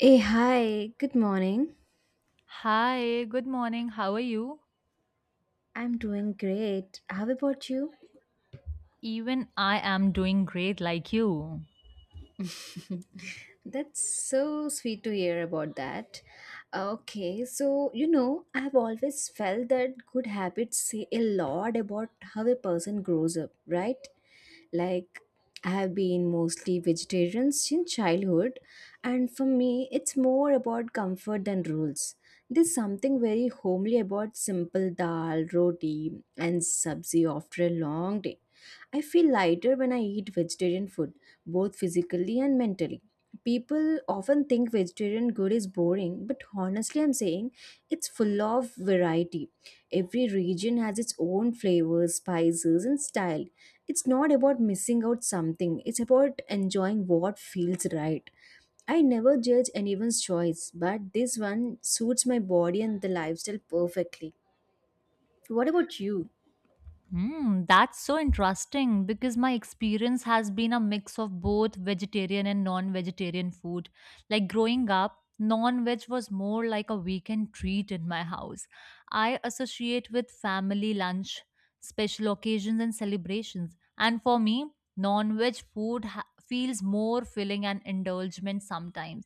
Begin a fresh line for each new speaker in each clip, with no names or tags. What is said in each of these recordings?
Hey, hi, good morning.
Hi, good morning. How are you?
I'm doing great. How about you?
Even I am doing great like you.
That's so sweet to hear about that. Okay, I've always felt that good habits say a lot about how a person grows up, right? Like, I have been mostly vegetarian since childhood, and for me, it's more about comfort than rules. There's something very homely about simple dal, roti, and sabzi after a long day. I feel lighter when I eat vegetarian food, both physically and mentally. People often think vegetarian good is boring, but honestly, I'm saying it's full of variety. Every region has its own flavors, spices, and style. It's not about missing out something, it's about enjoying what feels right. I never judge anyone's choice, but this one suits my body and the lifestyle perfectly. What about you?
Hmm, that's so interesting because my experience has been a mix of both vegetarian and non-vegetarian food. Like growing up, non-veg was more like a weekend treat in my house. I associate with family lunch, special occasions and celebrations. And for me, non-veg feels more filling and indulgent sometimes.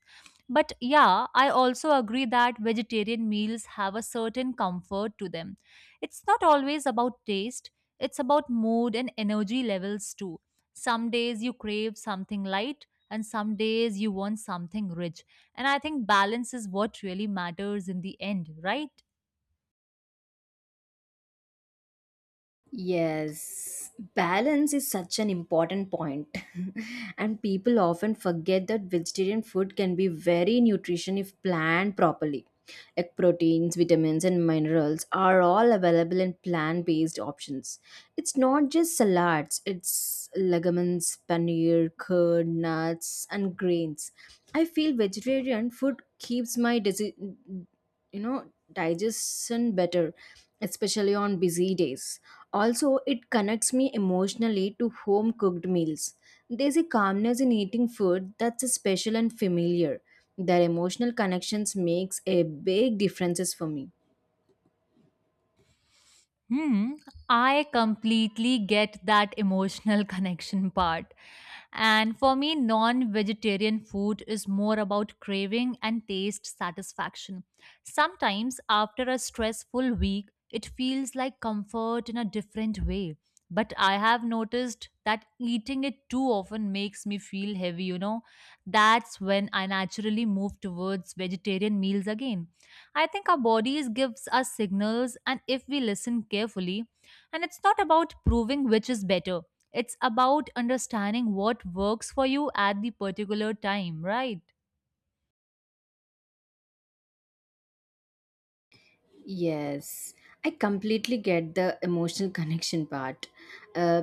But yeah, I also agree that vegetarian meals have a certain comfort to them. It's not always about taste, it's about mood and energy levels too. Some days you crave something light, and some days you want something rich. And I think balance is what really matters in the end, right?
Yes, balance is such an important point. And people often forget that vegetarian food can be very nutrition if planned properly. Like proteins, vitamins, and minerals are all available in plant based options. It's not just salads, it's legumes, paneer, curd, nuts, and grains. I feel vegetarian food keeps my you know digestion better, especially on busy days. Also, it connects me emotionally to home cooked meals. There's a calmness in eating food that's special and familiar. Their emotional connections makes a big differences for me.
Hmm, I completely get that emotional connection part. And for me, non vegetarian food is more about craving and taste satisfaction. Sometimes, after a stressful week, it feels like comfort in a different way. But I have noticed that eating it too often makes me feel heavy, That's when I naturally move towards vegetarian meals again. I think our bodies gives us signals and if we listen carefully, and it's not about proving which is better. It's about understanding what works for you at the particular time, right?
Yes, I completely get the emotional connection part. Uh.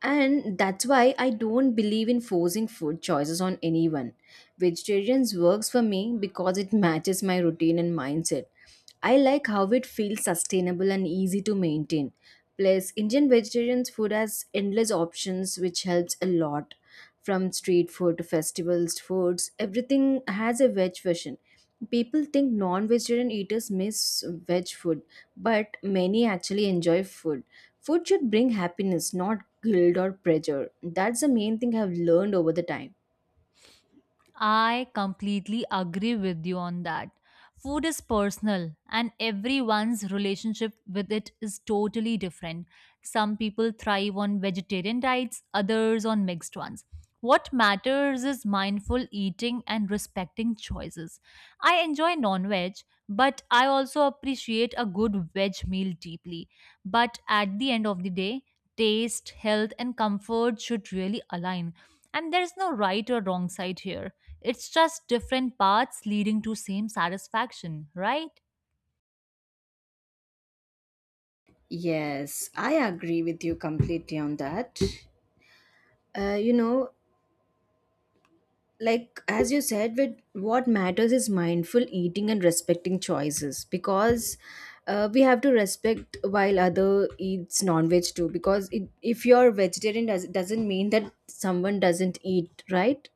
And that's why I don't believe in forcing food choices on anyone. Vegetarians works for me because it matches my routine and mindset. I like how it feels sustainable and easy to maintain. Plus, Indian vegetarians food has endless options which helps a lot. From street food to festivals foods, everything has a veg version. People think non-vegetarian eaters miss veg food, but many actually enjoy food. Food should bring happiness, not guilt or pressure. That's the main thing I've learned over the time.
I completely agree with you on that. Food is personal, and everyone's relationship with it is totally different. Some people thrive on vegetarian diets, others on mixed ones. What matters is mindful eating and respecting choices. I enjoy non veg, but I also appreciate a good veg meal deeply. But at the end of the day, taste, health, and comfort should really align. And there's no right or wrong side here. It's just different paths leading to same satisfaction, right?
Yes, I agree with you completely on that. uh, you know like as you said, with what matters is mindful eating and respecting choices, because we have to respect while other eats non-veg too, because it, if you're vegetarian doesn't mean that someone doesn't eat right,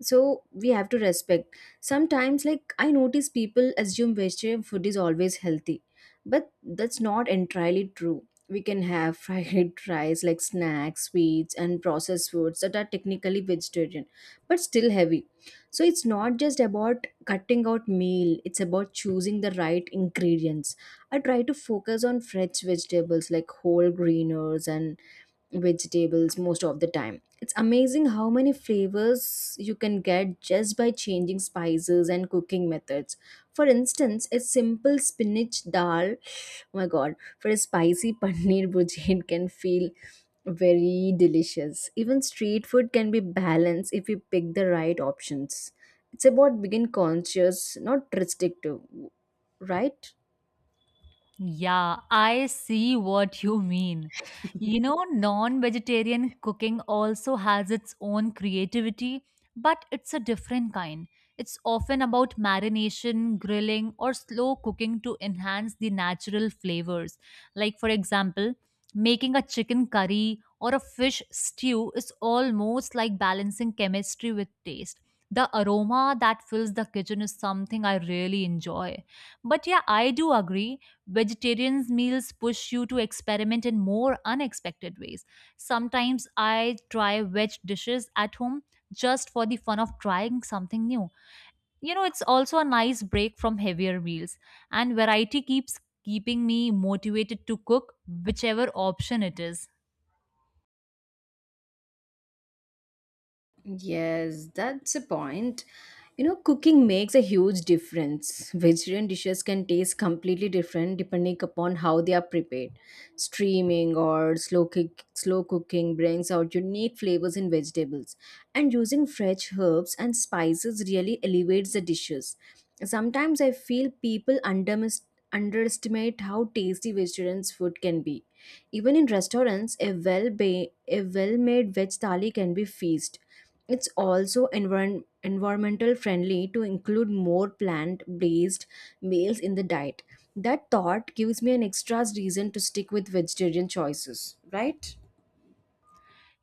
so we have to respect. Sometimes like I notice people assume vegetarian food is always healthy, but that's not entirely true. We can have fried rice like snacks, sweets, and processed foods that are technically vegetarian but still heavy. So it's not just about cutting out meal, it's about choosing the right ingredients. I try to focus on fresh vegetables like whole greeners and vegetables most of the time. It's amazing how many flavors you can get just by changing spices and cooking methods. For instance, a simple spinach dal, oh my god, for a spicy paneer bhujia, it can feel very delicious. Even street food can be balanced if you pick the right options. It's about being conscious, not restrictive, right?
Yeah, I see what you mean. You know, non vegetarian cooking also has its own creativity, but it's a different kind. It's often about marination, grilling, or slow cooking to enhance the natural flavors. Like, for example, making a chicken curry or a fish stew is almost like balancing chemistry with taste. The aroma that fills the kitchen is something I really enjoy. But yeah, I do agree vegetarian meals push you to experiment in more unexpected ways. Sometimes I try veg dishes at home just for the fun of trying something new. You know, it's also a nice break from heavier meals, and variety keeps keeping me motivated to cook whichever option it is.
Yes, that's a point. You know, cooking makes a huge difference. Vegetarian dishes can taste completely different depending upon how they are prepared. Steaming or slow cooking brings out unique flavors in vegetables, and using fresh herbs and spices really elevates the dishes. Sometimes I feel people underestimate how tasty vegetarian food can be. Even in restaurants, a a well-made veg thali can be feast. It's also environmental friendly to include more plant based meals in the diet. That thought gives me an extra reason to stick with vegetarian choices, right?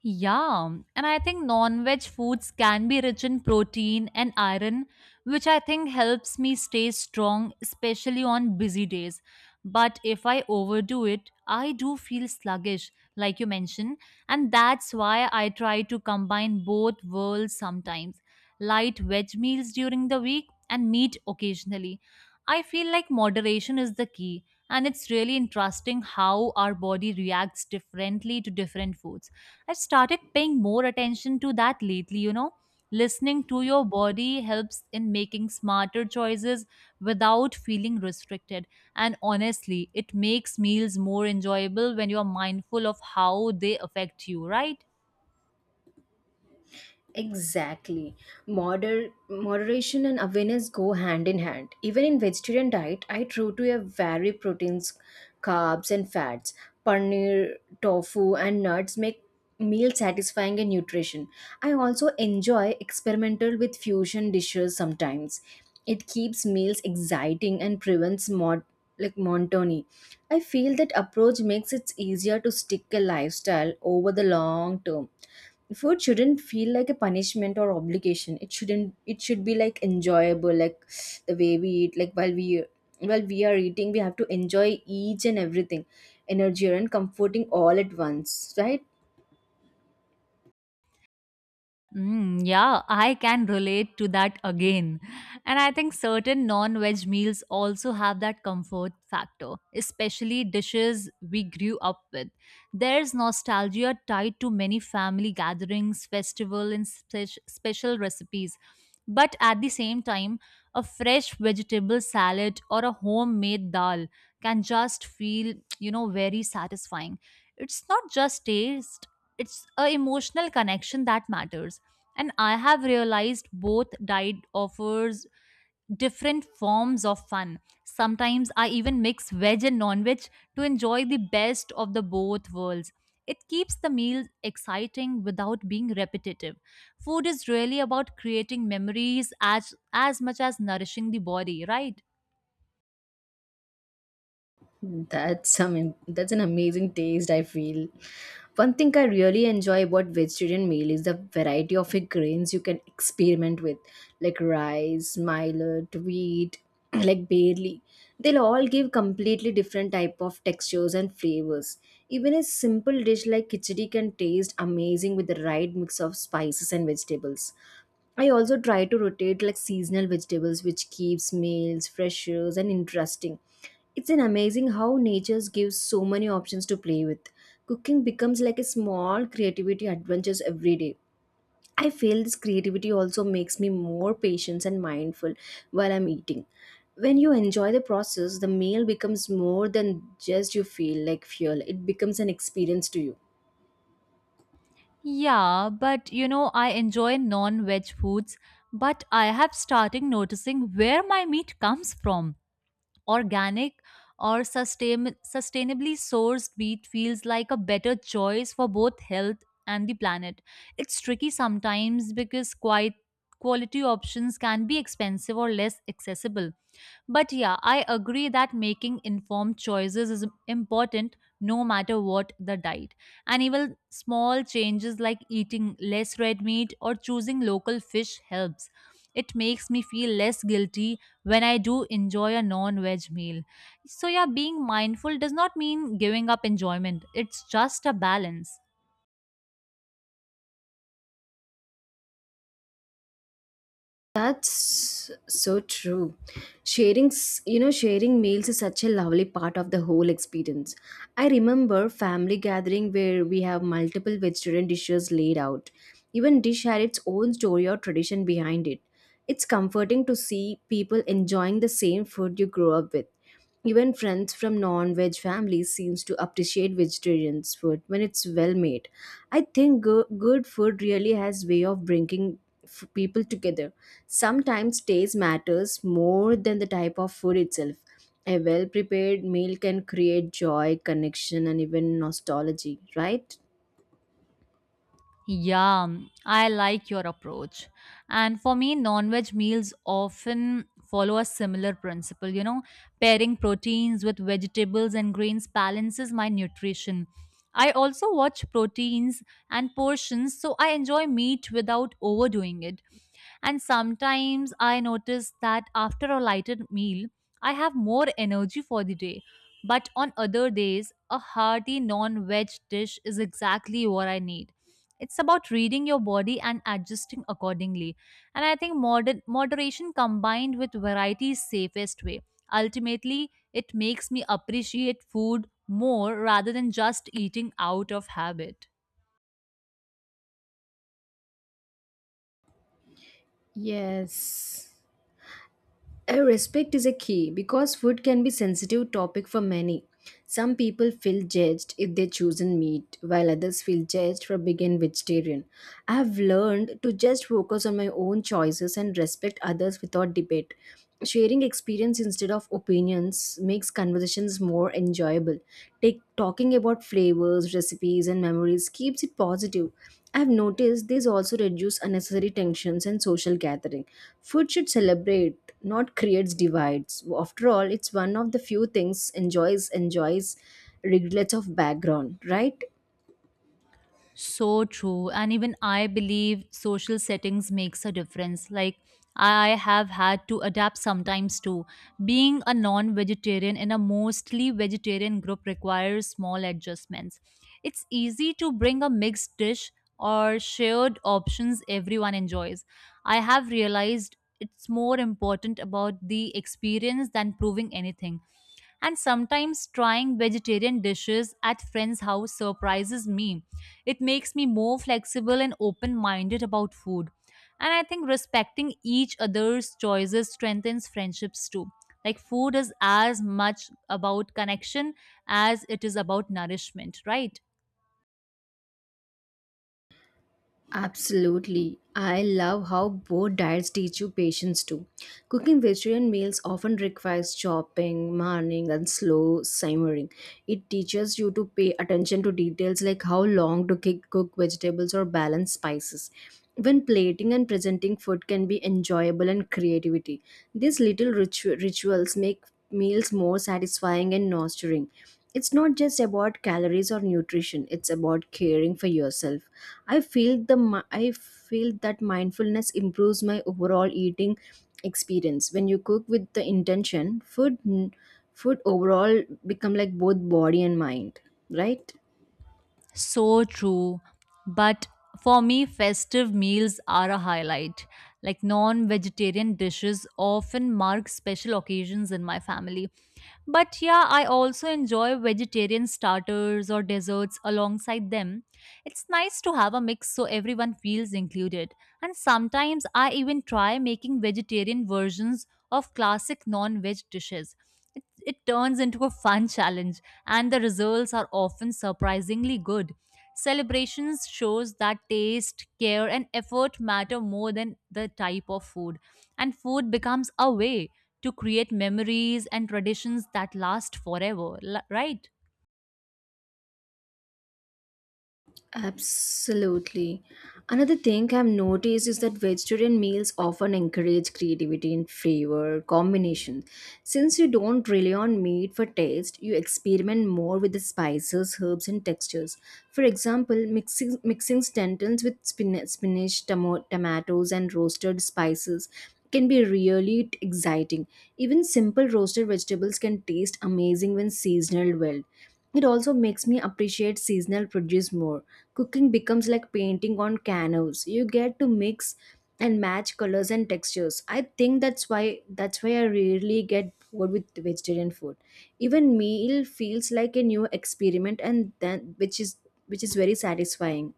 Yeah, and I think non veg foods can be rich in protein and iron, which I think helps me stay strong, especially on busy days. But if I overdo it, I do feel sluggish, like you mentioned, and that's why I try to combine both worlds sometimes, light veg meals during the week and meat occasionally. I feel like moderation is the key, and it's really interesting how our body reacts differently to different foods. I've started paying more attention to that lately, you know. Listening to your body helps in making smarter choices without feeling restricted. And honestly, it makes meals more enjoyable when you're mindful of how they affect you, right?
Exactly. Moderation and awareness go hand in hand. Even in vegetarian diet, I try to have vary proteins, carbs and fats. Paneer, tofu and nuts make meal satisfying and nutrition. I also enjoy experimental with fusion dishes sometimes. It keeps meals exciting and prevents mod like monotony. I feel that approach makes it easier to stick a lifestyle over the long term. Food shouldn't feel like a punishment or obligation. It shouldn't, it should be like enjoyable. Like the way we eat, like while we are eating, we have to enjoy each and everything. Energy and comforting all at once, right?
Mm, yeah, I can relate to that again. And I think certain non veg meals also have that comfort factor, especially dishes we grew up with. There's nostalgia tied to many family gatherings, festival, and special recipes. But at the same time, a fresh vegetable salad or a homemade dal can just feel very satisfying. It's not just taste, it's a emotional connection that matters, and I have realized both diet offers different forms of fun. Sometimes I even mix veg and non-veg to enjoy the best of the both worlds. It keeps the meal exciting without being repetitive. Food is really about creating memories as much as nourishing the body, right?
That's an amazing taste I feel. One thing I really enjoy about vegetarian meal is the variety of grains you can experiment with, like rice, millet, wheat, like barley. They'll all give completely different type of textures and flavors. Even a simple dish like khichdi can taste amazing with the right mix of spices and vegetables. I also try to rotate like seasonal vegetables which keeps meals fresher and interesting. It's an amazing how nature gives so many options to play with. Cooking becomes like a small creativity adventures every day. I feel this creativity also makes me more patient and mindful while I'm eating. When you enjoy the process, the meal becomes more than just you feel like fuel. It becomes an experience to you.
Yeah, but you know I enjoy non-veg foods, but I have started noticing where my meat comes from. Organic or sustainably sourced wheat feels like a better choice for both health and the planet. It's tricky sometimes because quite quality options can be expensive or less accessible, but yeah, I agree that making informed choices is important no matter what the diet. And even small changes like eating less red meat or choosing local fish helps. It makes me feel less guilty when I do enjoy a non veg meal. So, yeah, being mindful does not mean giving up enjoyment, it's just a balance.
That's so true. Sharing, s- you know, Sharing meals is such a lovely part of the whole experience. I remember family gathering where we have multiple vegetarian dishes laid out. Even dish had its own story or tradition behind it. It's comforting to see people enjoying the same food you grew up with. Even friends from non-veg families seems to appreciate vegetarian's food when it's well made. I think good food really has way of bringing people together. Sometimes taste matters more than the type of food itself. A well-prepared meal can create joy, connection, and even nostalgia, right?
Yeah, I like your approach. And for me, non veg meals often follow a similar principle. You know, pairing proteins with vegetables and grains balances my nutrition. I also watch proteins and portions, so I enjoy meat without overdoing it. And sometimes I notice that after a lighter meal, I have more energy for the day. But on other days, a hearty non veg dish is exactly what I need. It's about reading your body and adjusting accordingly. And I think moderation combined with variety is safest way. Ultimately, it makes me appreciate food more rather than just eating out of habit.
Yes. Respect is a key because food can be sensitive topic for many. Some people feel judged if they chosen meat, while others feel judged for being vegetarian. I have learned to just focus on my own choices and respect others without debate. Sharing experience instead of opinions makes conversations is more enjoyable. Talking about flavors, recipes, and memories keeps it positive. I've noticed these also reduce unnecessary tensions and social gathering. Food should celebrate, not creates divides. After all, it's one of the few things enjoys regardless of background, right?
So true. And even I believe social settings makes a difference. Like I have had to adapt sometimes too. Being a non-vegetarian in a mostly vegetarian group requires small adjustments. It's easy to bring a mixed dish or shared options everyone enjoys. I have realized it's more important about the experience than proving anything, and sometimes trying vegetarian dishes at friends' house surprises me. It makes me more flexible and open minded about food. And I think respecting each other's choices strengthens friendships too. Like food is as much about connection as it is about nourishment, right?
Absolutely. I love how both diets teach you patience too. Cooking vegetarian meals often requires chopping, marning, and slow simmering. It teaches you to pay attention to details like how long to cook vegetables or balance spices. Even plating and presenting food can be enjoyable and creativity. These little rituals make meals more satisfying and nurturing. It's not just about calories or nutrition, it's about caring for yourself. I feel that mindfulness improves my overall eating experience. When you cook with the intention, food overall become like both body and mind, right?
So true. But for me, festive meals are a highlight. Like non vegetarian dishes often mark special occasions in my family. But yeah, I also enjoy vegetarian starters or desserts alongside them. It's nice to have a mix so everyone feels included. And sometimes I even try making vegetarian versions of classic non veg dishes. It turns into a fun challenge, and the results are often surprisingly good. Celebrations shows that taste, care, and effort matter more than the type of food, and food becomes a way to create memories and traditions that last forever, right?
Absolutely. Another thing I've noticed is that vegetarian meals often encourage creativity in flavor combinations. Since you don't rely on meat for taste, you experiment more with the spices, herbs, and textures. For example, mixing stentons with spinach tomatoes, and roasted spices can be really exciting. Even simple roasted vegetables can taste amazing when seasonal well. It also makes me appreciate seasonal produce more. Cooking becomes like painting on canvas. You get to mix and match colors and textures. I think that's why I rarely get bored with vegetarian food. Even meal feels like a new experiment and then which is very satisfying.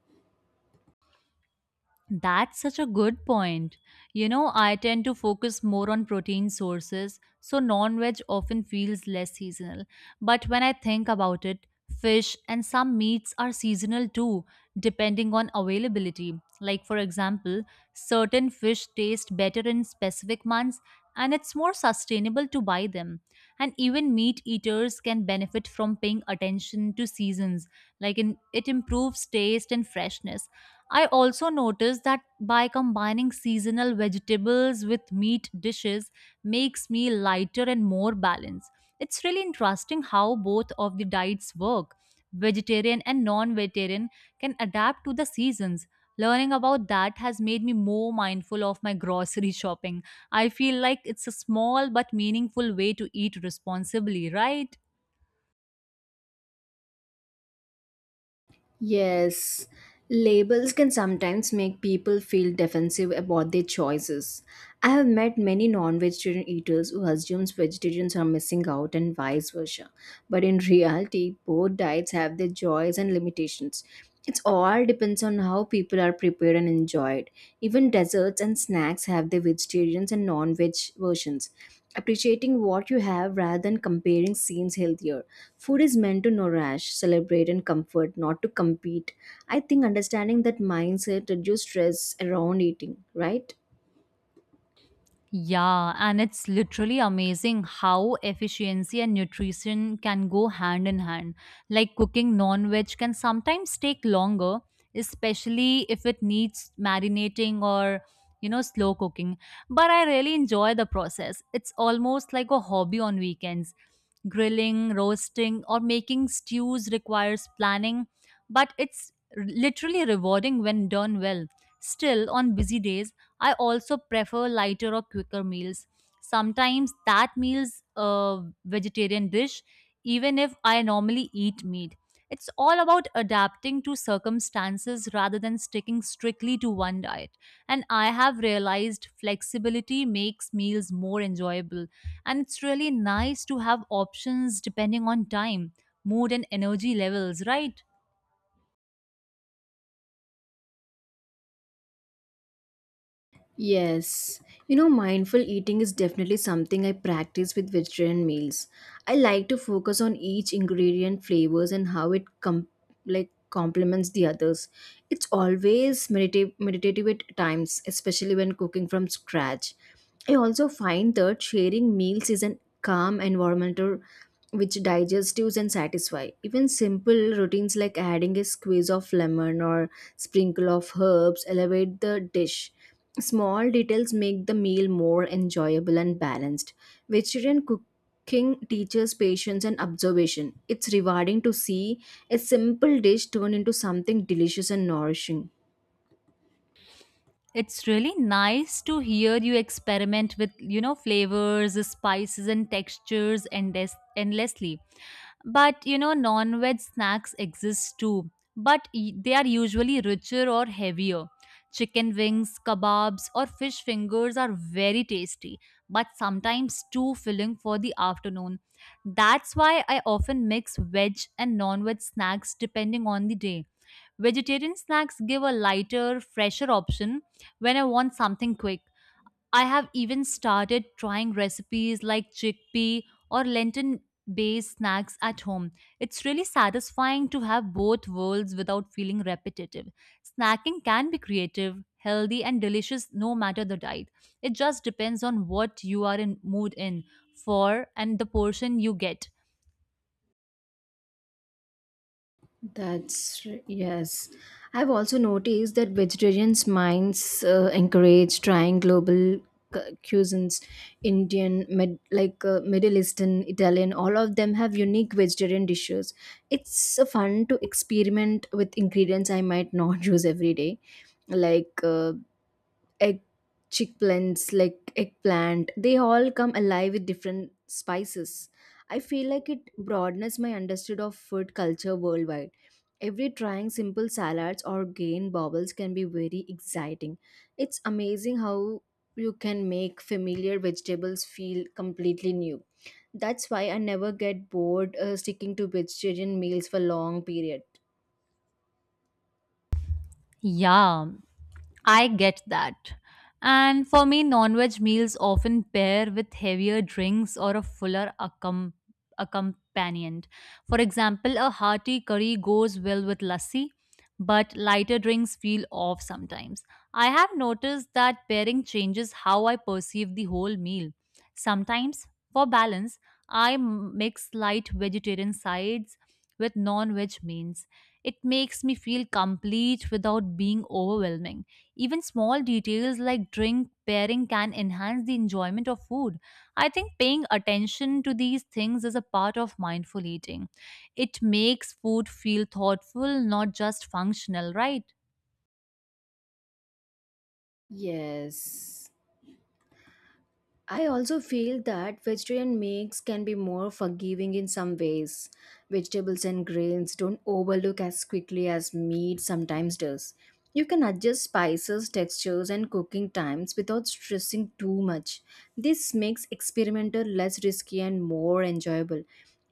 That's such a good point. You know, I tend to focus more on protein sources, so non veg often feels less seasonal. But when I think about it, fish and some meats are seasonal too, depending on availability. Like, for example, certain fish taste better in specific months and it's more sustainable to buy them. And even meat eaters can benefit from paying attention to seasons, it improves taste and freshness. I also noticed that by combining seasonal vegetables with meat dishes makes me lighter and more balanced. It's really interesting how both of the diets work. Vegetarian and non-vegetarian can adapt to the seasons. Learning about that has made me more mindful of my grocery shopping. I feel like it's a small but meaningful way to eat responsibly, right?
Yes, labels can sometimes make people feel defensive about their choices. I have met many non-vegetarian eaters who assumes vegetarians are missing out and vice versa. But in reality, both diets have their joys and limitations. It's all depends on how people are prepared and enjoyed. Even desserts and snacks have their vegetarians and non-veg versions. Appreciating what you have rather than comparing seems healthier. Food is meant to nourish, celebrate, and comfort, not to compete. I think understanding that mindset reduces stress around eating, right?
Yeah, and it's literally amazing how efficiency and nutrition can go hand in hand. Like cooking non veg can sometimes take longer, especially if it needs marinating or, you know, slow cooking. But I really enjoy the process. It's almost like a hobby on weekends. Grilling, roasting, or making stews requires planning, but it's literally rewarding when done well. Still, on busy days, I also prefer lighter or quicker meals. Sometimes that meal's a vegetarian dish, even if I normally eat meat. It's all about adapting to circumstances rather than sticking strictly to one diet. And I have realized flexibility makes meals more enjoyable. And it's really nice to have options depending on time, mood, and energy levels, right?
Yes. You know, mindful eating is definitely something I practice with vegetarian meals. I like to focus on each ingredient, flavors, and how it complements the others. It's always meditative at times, especially when cooking from scratch. I also find that sharing meals is a calm environmental which digestives and satisfy. Even simple routines like adding a squeeze of lemon or sprinkle of herbs elevate the dish. Small details make the meal more enjoyable and balanced. Vegetarian cooking teaches patience and observation. It's rewarding to see a simple dish turn into something delicious and nourishing.
It's really nice to hear you experiment with, you know, flavors, spices, and textures endlessly. But, you know, non veg snacks exist too, but they are usually richer or heavier. Chicken wings, kebabs, or fish fingers are very tasty, but sometimes too filling for the afternoon. That's why I often mix veg and non veg snacks depending on the day. Vegetarian snacks give a lighter, fresher option when I want something quick. I have even started trying recipes like chickpea or lentil based snacks at home. It's really satisfying to have both worlds without feeling repetitive. Snacking can be creative, healthy, and delicious no matter the diet. It just depends on what you are in mood in for and the portion you get.
Yes. I've also noticed that vegetarians' minds encourage trying global cuisines, Indian, med, like Middle Eastern, Italian. All of them have unique vegetarian dishes. It's fun to experiment with ingredients I might not use every day, like uh, egg chick plants like eggplant. They all come alive with different spices. I feel like it broadens my understanding of food culture worldwide. Every trying simple salads or grain bubbles can be very exciting. It's amazing how you can make familiar vegetables feel completely new. That's why I never get bored sticking to vegetarian meals for long period.
Yeah. I get that. And for me, non veg meals often pair with heavier drinks or a fuller accompaniment. For example, a hearty curry goes well with lassi, but lighter drinks feel off sometimes. I have noticed that pairing changes how I perceive the whole meal. Sometimes, for balance, I mix light vegetarian sides with non veg meals. It makes me feel complete without being overwhelming. Even small details like drink pairing can enhance the enjoyment of food. I think paying attention to these things is a part of mindful eating. It makes food feel thoughtful, not just functional, right?
Yes. I also feel that vegetarian meals can be more forgiving in some ways. Vegetables and grains don't overlook as quickly as meat sometimes does. You can adjust spices, textures, and cooking times without stressing too much. This makes experimental less risky and more enjoyable.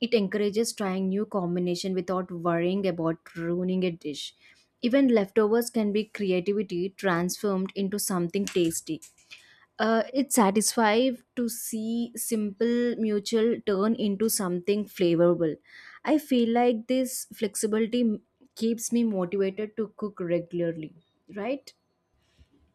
It encourages trying new combination without worrying about ruining a dish. Even leftovers can be creativity transformed into something tasty. It's satisfying to see simple mutual turn into something flavorful. I feel like this flexibility keeps me motivated to cook regularly, right?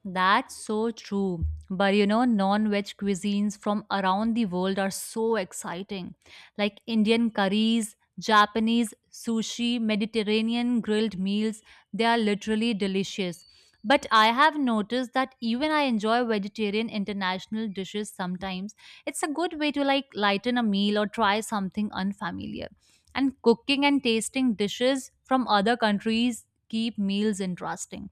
That's so true. But you know, non veg cuisines from around the world are so exciting. Like Indian curries, Japanese sushi, Mediterranean grilled meals, they are literally delicious. But I have noticed that even I enjoy vegetarian international dishes sometimes. It's a good way to like lighten a meal or try something unfamiliar. And cooking and tasting dishes from other countries keep meals interesting.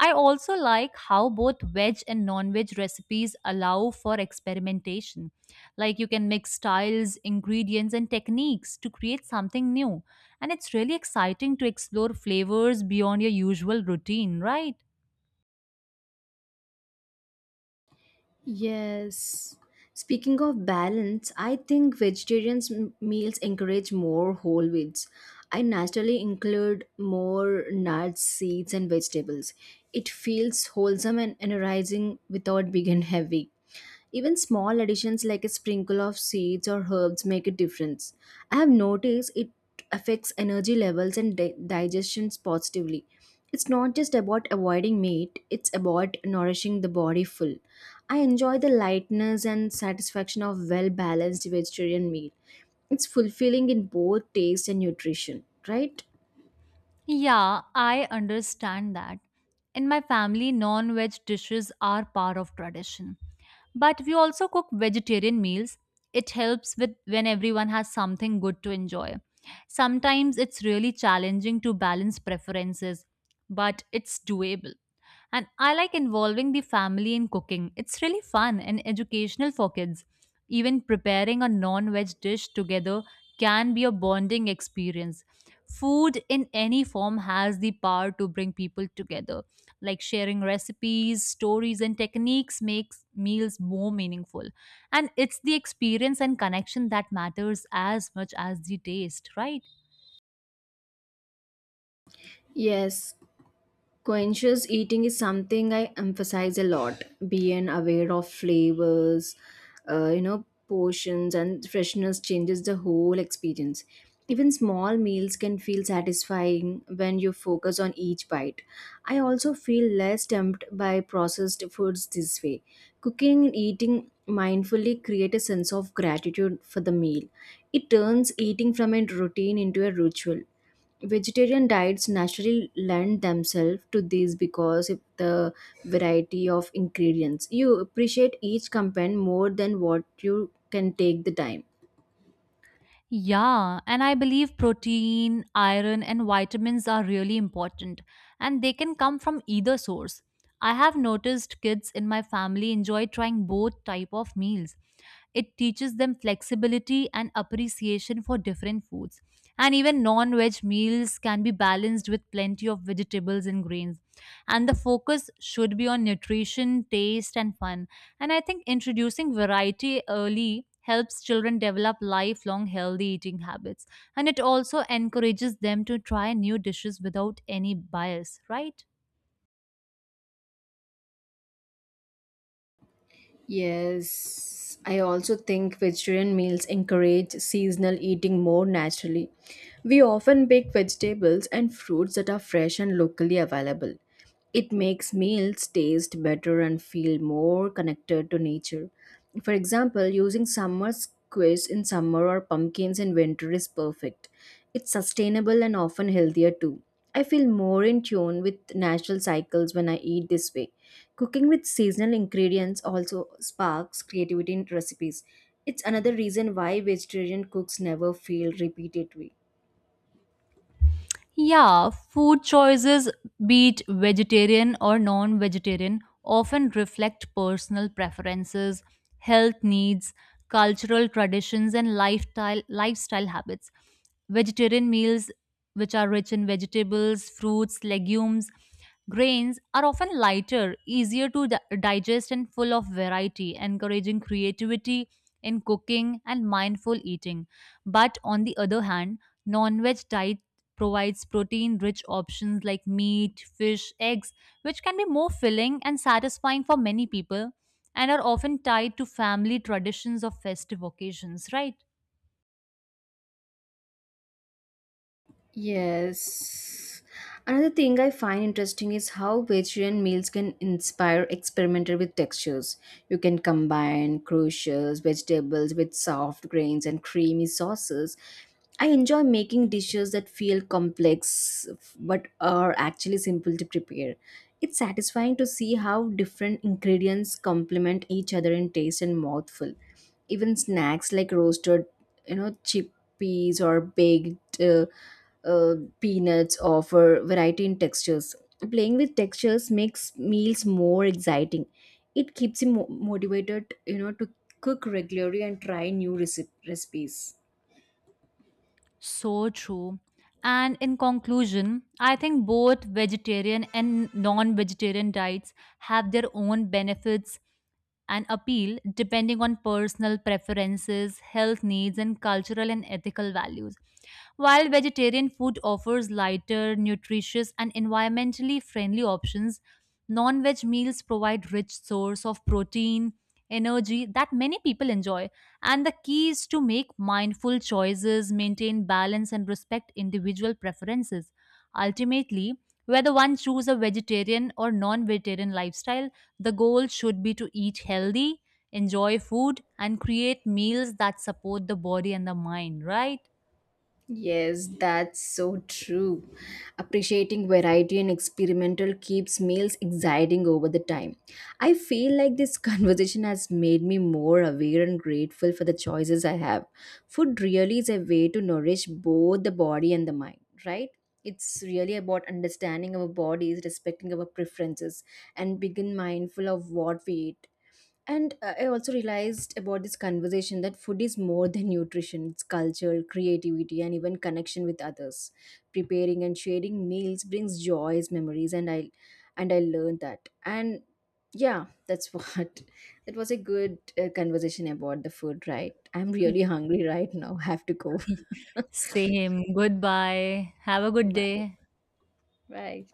I also like how both veg and non veg recipes allow for experimentation. Like you can mix styles, ingredients, and techniques to create something new. And it's really exciting to explore flavors beyond your usual routine, right?
Yes. Speaking of balance, I think vegetarians meals encourage more whole foods. I naturally include more nuts, seeds, and vegetables. It feels wholesome and energizing without being heavy. Even small additions like a sprinkle of seeds or herbs make a difference. I have noticed it affects energy levels and digestions positively. It's not just about avoiding meat, it's about nourishing the body full. I enjoy the lightness and satisfaction of well balanced vegetarian meal. It's fulfilling in both taste and nutrition, right?
Yeah, I understand that. In my family, non veg dishes are part of tradition. But we also cook vegetarian meals. It helps with when everyone has something good to enjoy. Sometimes it's really challenging to balance preferences, but it's doable. And I like involving the family in cooking. It's really fun and educational for kids. Even preparing a non veg dish together can be a bonding experience. Food in any form has the power to bring people together. Like sharing recipes, stories, and techniques makes meals more meaningful. And it's the experience and connection that matters as much as the taste, right?
Yes, conscious eating is something I emphasize a lot, being aware of flavors, portions and freshness changes the whole experience. Even small meals can feel satisfying when you focus on each bite. I also feel less tempted by processed foods this way. Cooking and eating mindfully create a sense of gratitude for the meal. It turns eating from a routine into a ritual. Vegetarian diets naturally lend themselves to these because of the variety of ingredients. You appreciate each component more than what you can take the time.
Yeah, and I believe protein, iron, and vitamins are really important, and they can come from either source. I have noticed kids in my family enjoy trying both type of meals. It teaches them flexibility and appreciation for different foods. And even non-veg meals can be balanced with plenty of vegetables and grains. And the focus should be on nutrition, taste, and fun, and I think introducing variety early helps children develop lifelong healthy eating habits. And it also encourages them to try new dishes without any bias, right?
Yes, I also think vegetarian meals encourage seasonal eating more naturally. We often pick vegetables and fruits that are fresh and locally available. It makes meals taste better and feel more connected to nature. For example, using summer squash in summer or pumpkins in winter is perfect. It's sustainable and often healthier too. I feel more in tune with natural cycles when I eat this way. Cooking with seasonal ingredients also sparks creativity in recipes. It's another reason why vegetarian cooks never feel repetitive.
Yeah, food choices, be it vegetarian or non vegetarian, often reflect personal preferences, health needs, cultural traditions, and lifestyle habits. Vegetarian meals, which are rich in vegetables, fruits, legumes, grains, are often lighter, easier to digest, and full of variety, encouraging creativity in cooking and mindful eating. But on the other hand, non-veg diet provides protein-rich options like meat, fish, eggs, which can be more filling and satisfying for many people and are often tied to family traditions or festive occasions, right?
Yes. Another thing I find interesting is how vegetarian meals can inspire experimental with textures. You can combine crucials, vegetables with soft grains and creamy sauces. I enjoy making dishes that feel complex but are actually simple to prepare. It's satisfying to see how different ingredients complement each other in taste and mouthful. Even snacks like roasted, you know, chickpeas or baked peanuts offer variety in textures. Playing with textures makes meals more exciting. It keeps you motivated, you know, to cook regularly and try new recipes.
So true. And in conclusion, I think both vegetarian and non-vegetarian diets have their own benefits and appeal depending on personal preferences, health needs, and cultural and ethical values. While vegetarian food offers lighter, nutritious, and environmentally friendly options, non-veg meals provide rich source of protein, energy that many people enjoy. And the key is to make mindful choices, maintain balance, and respect individual preferences. Ultimately, whether one choose a vegetarian or non-vegetarian lifestyle, the goal should be to eat healthy, enjoy food, and create meals that support the body and the mind, right?
Yes, that's so true. Appreciating variety and experimental keeps meals exciting over the time. I feel like this conversation has made me more aware and grateful for the choices I have. Food really is a way to nourish both the body and the mind, right? It's really about understanding our bodies, respecting our preferences, and being mindful of what we eat. And I also realized about this conversation that food is more than nutrition, it's culture, creativity, and even connection with others. Preparing and sharing meals brings joys, memories, and I learned that. And yeah, that's what that was a good conversation about the food, right? I'm really hungry right now. Have to go.
Same. Goodbye. Have a good
Bye.
day.
Right.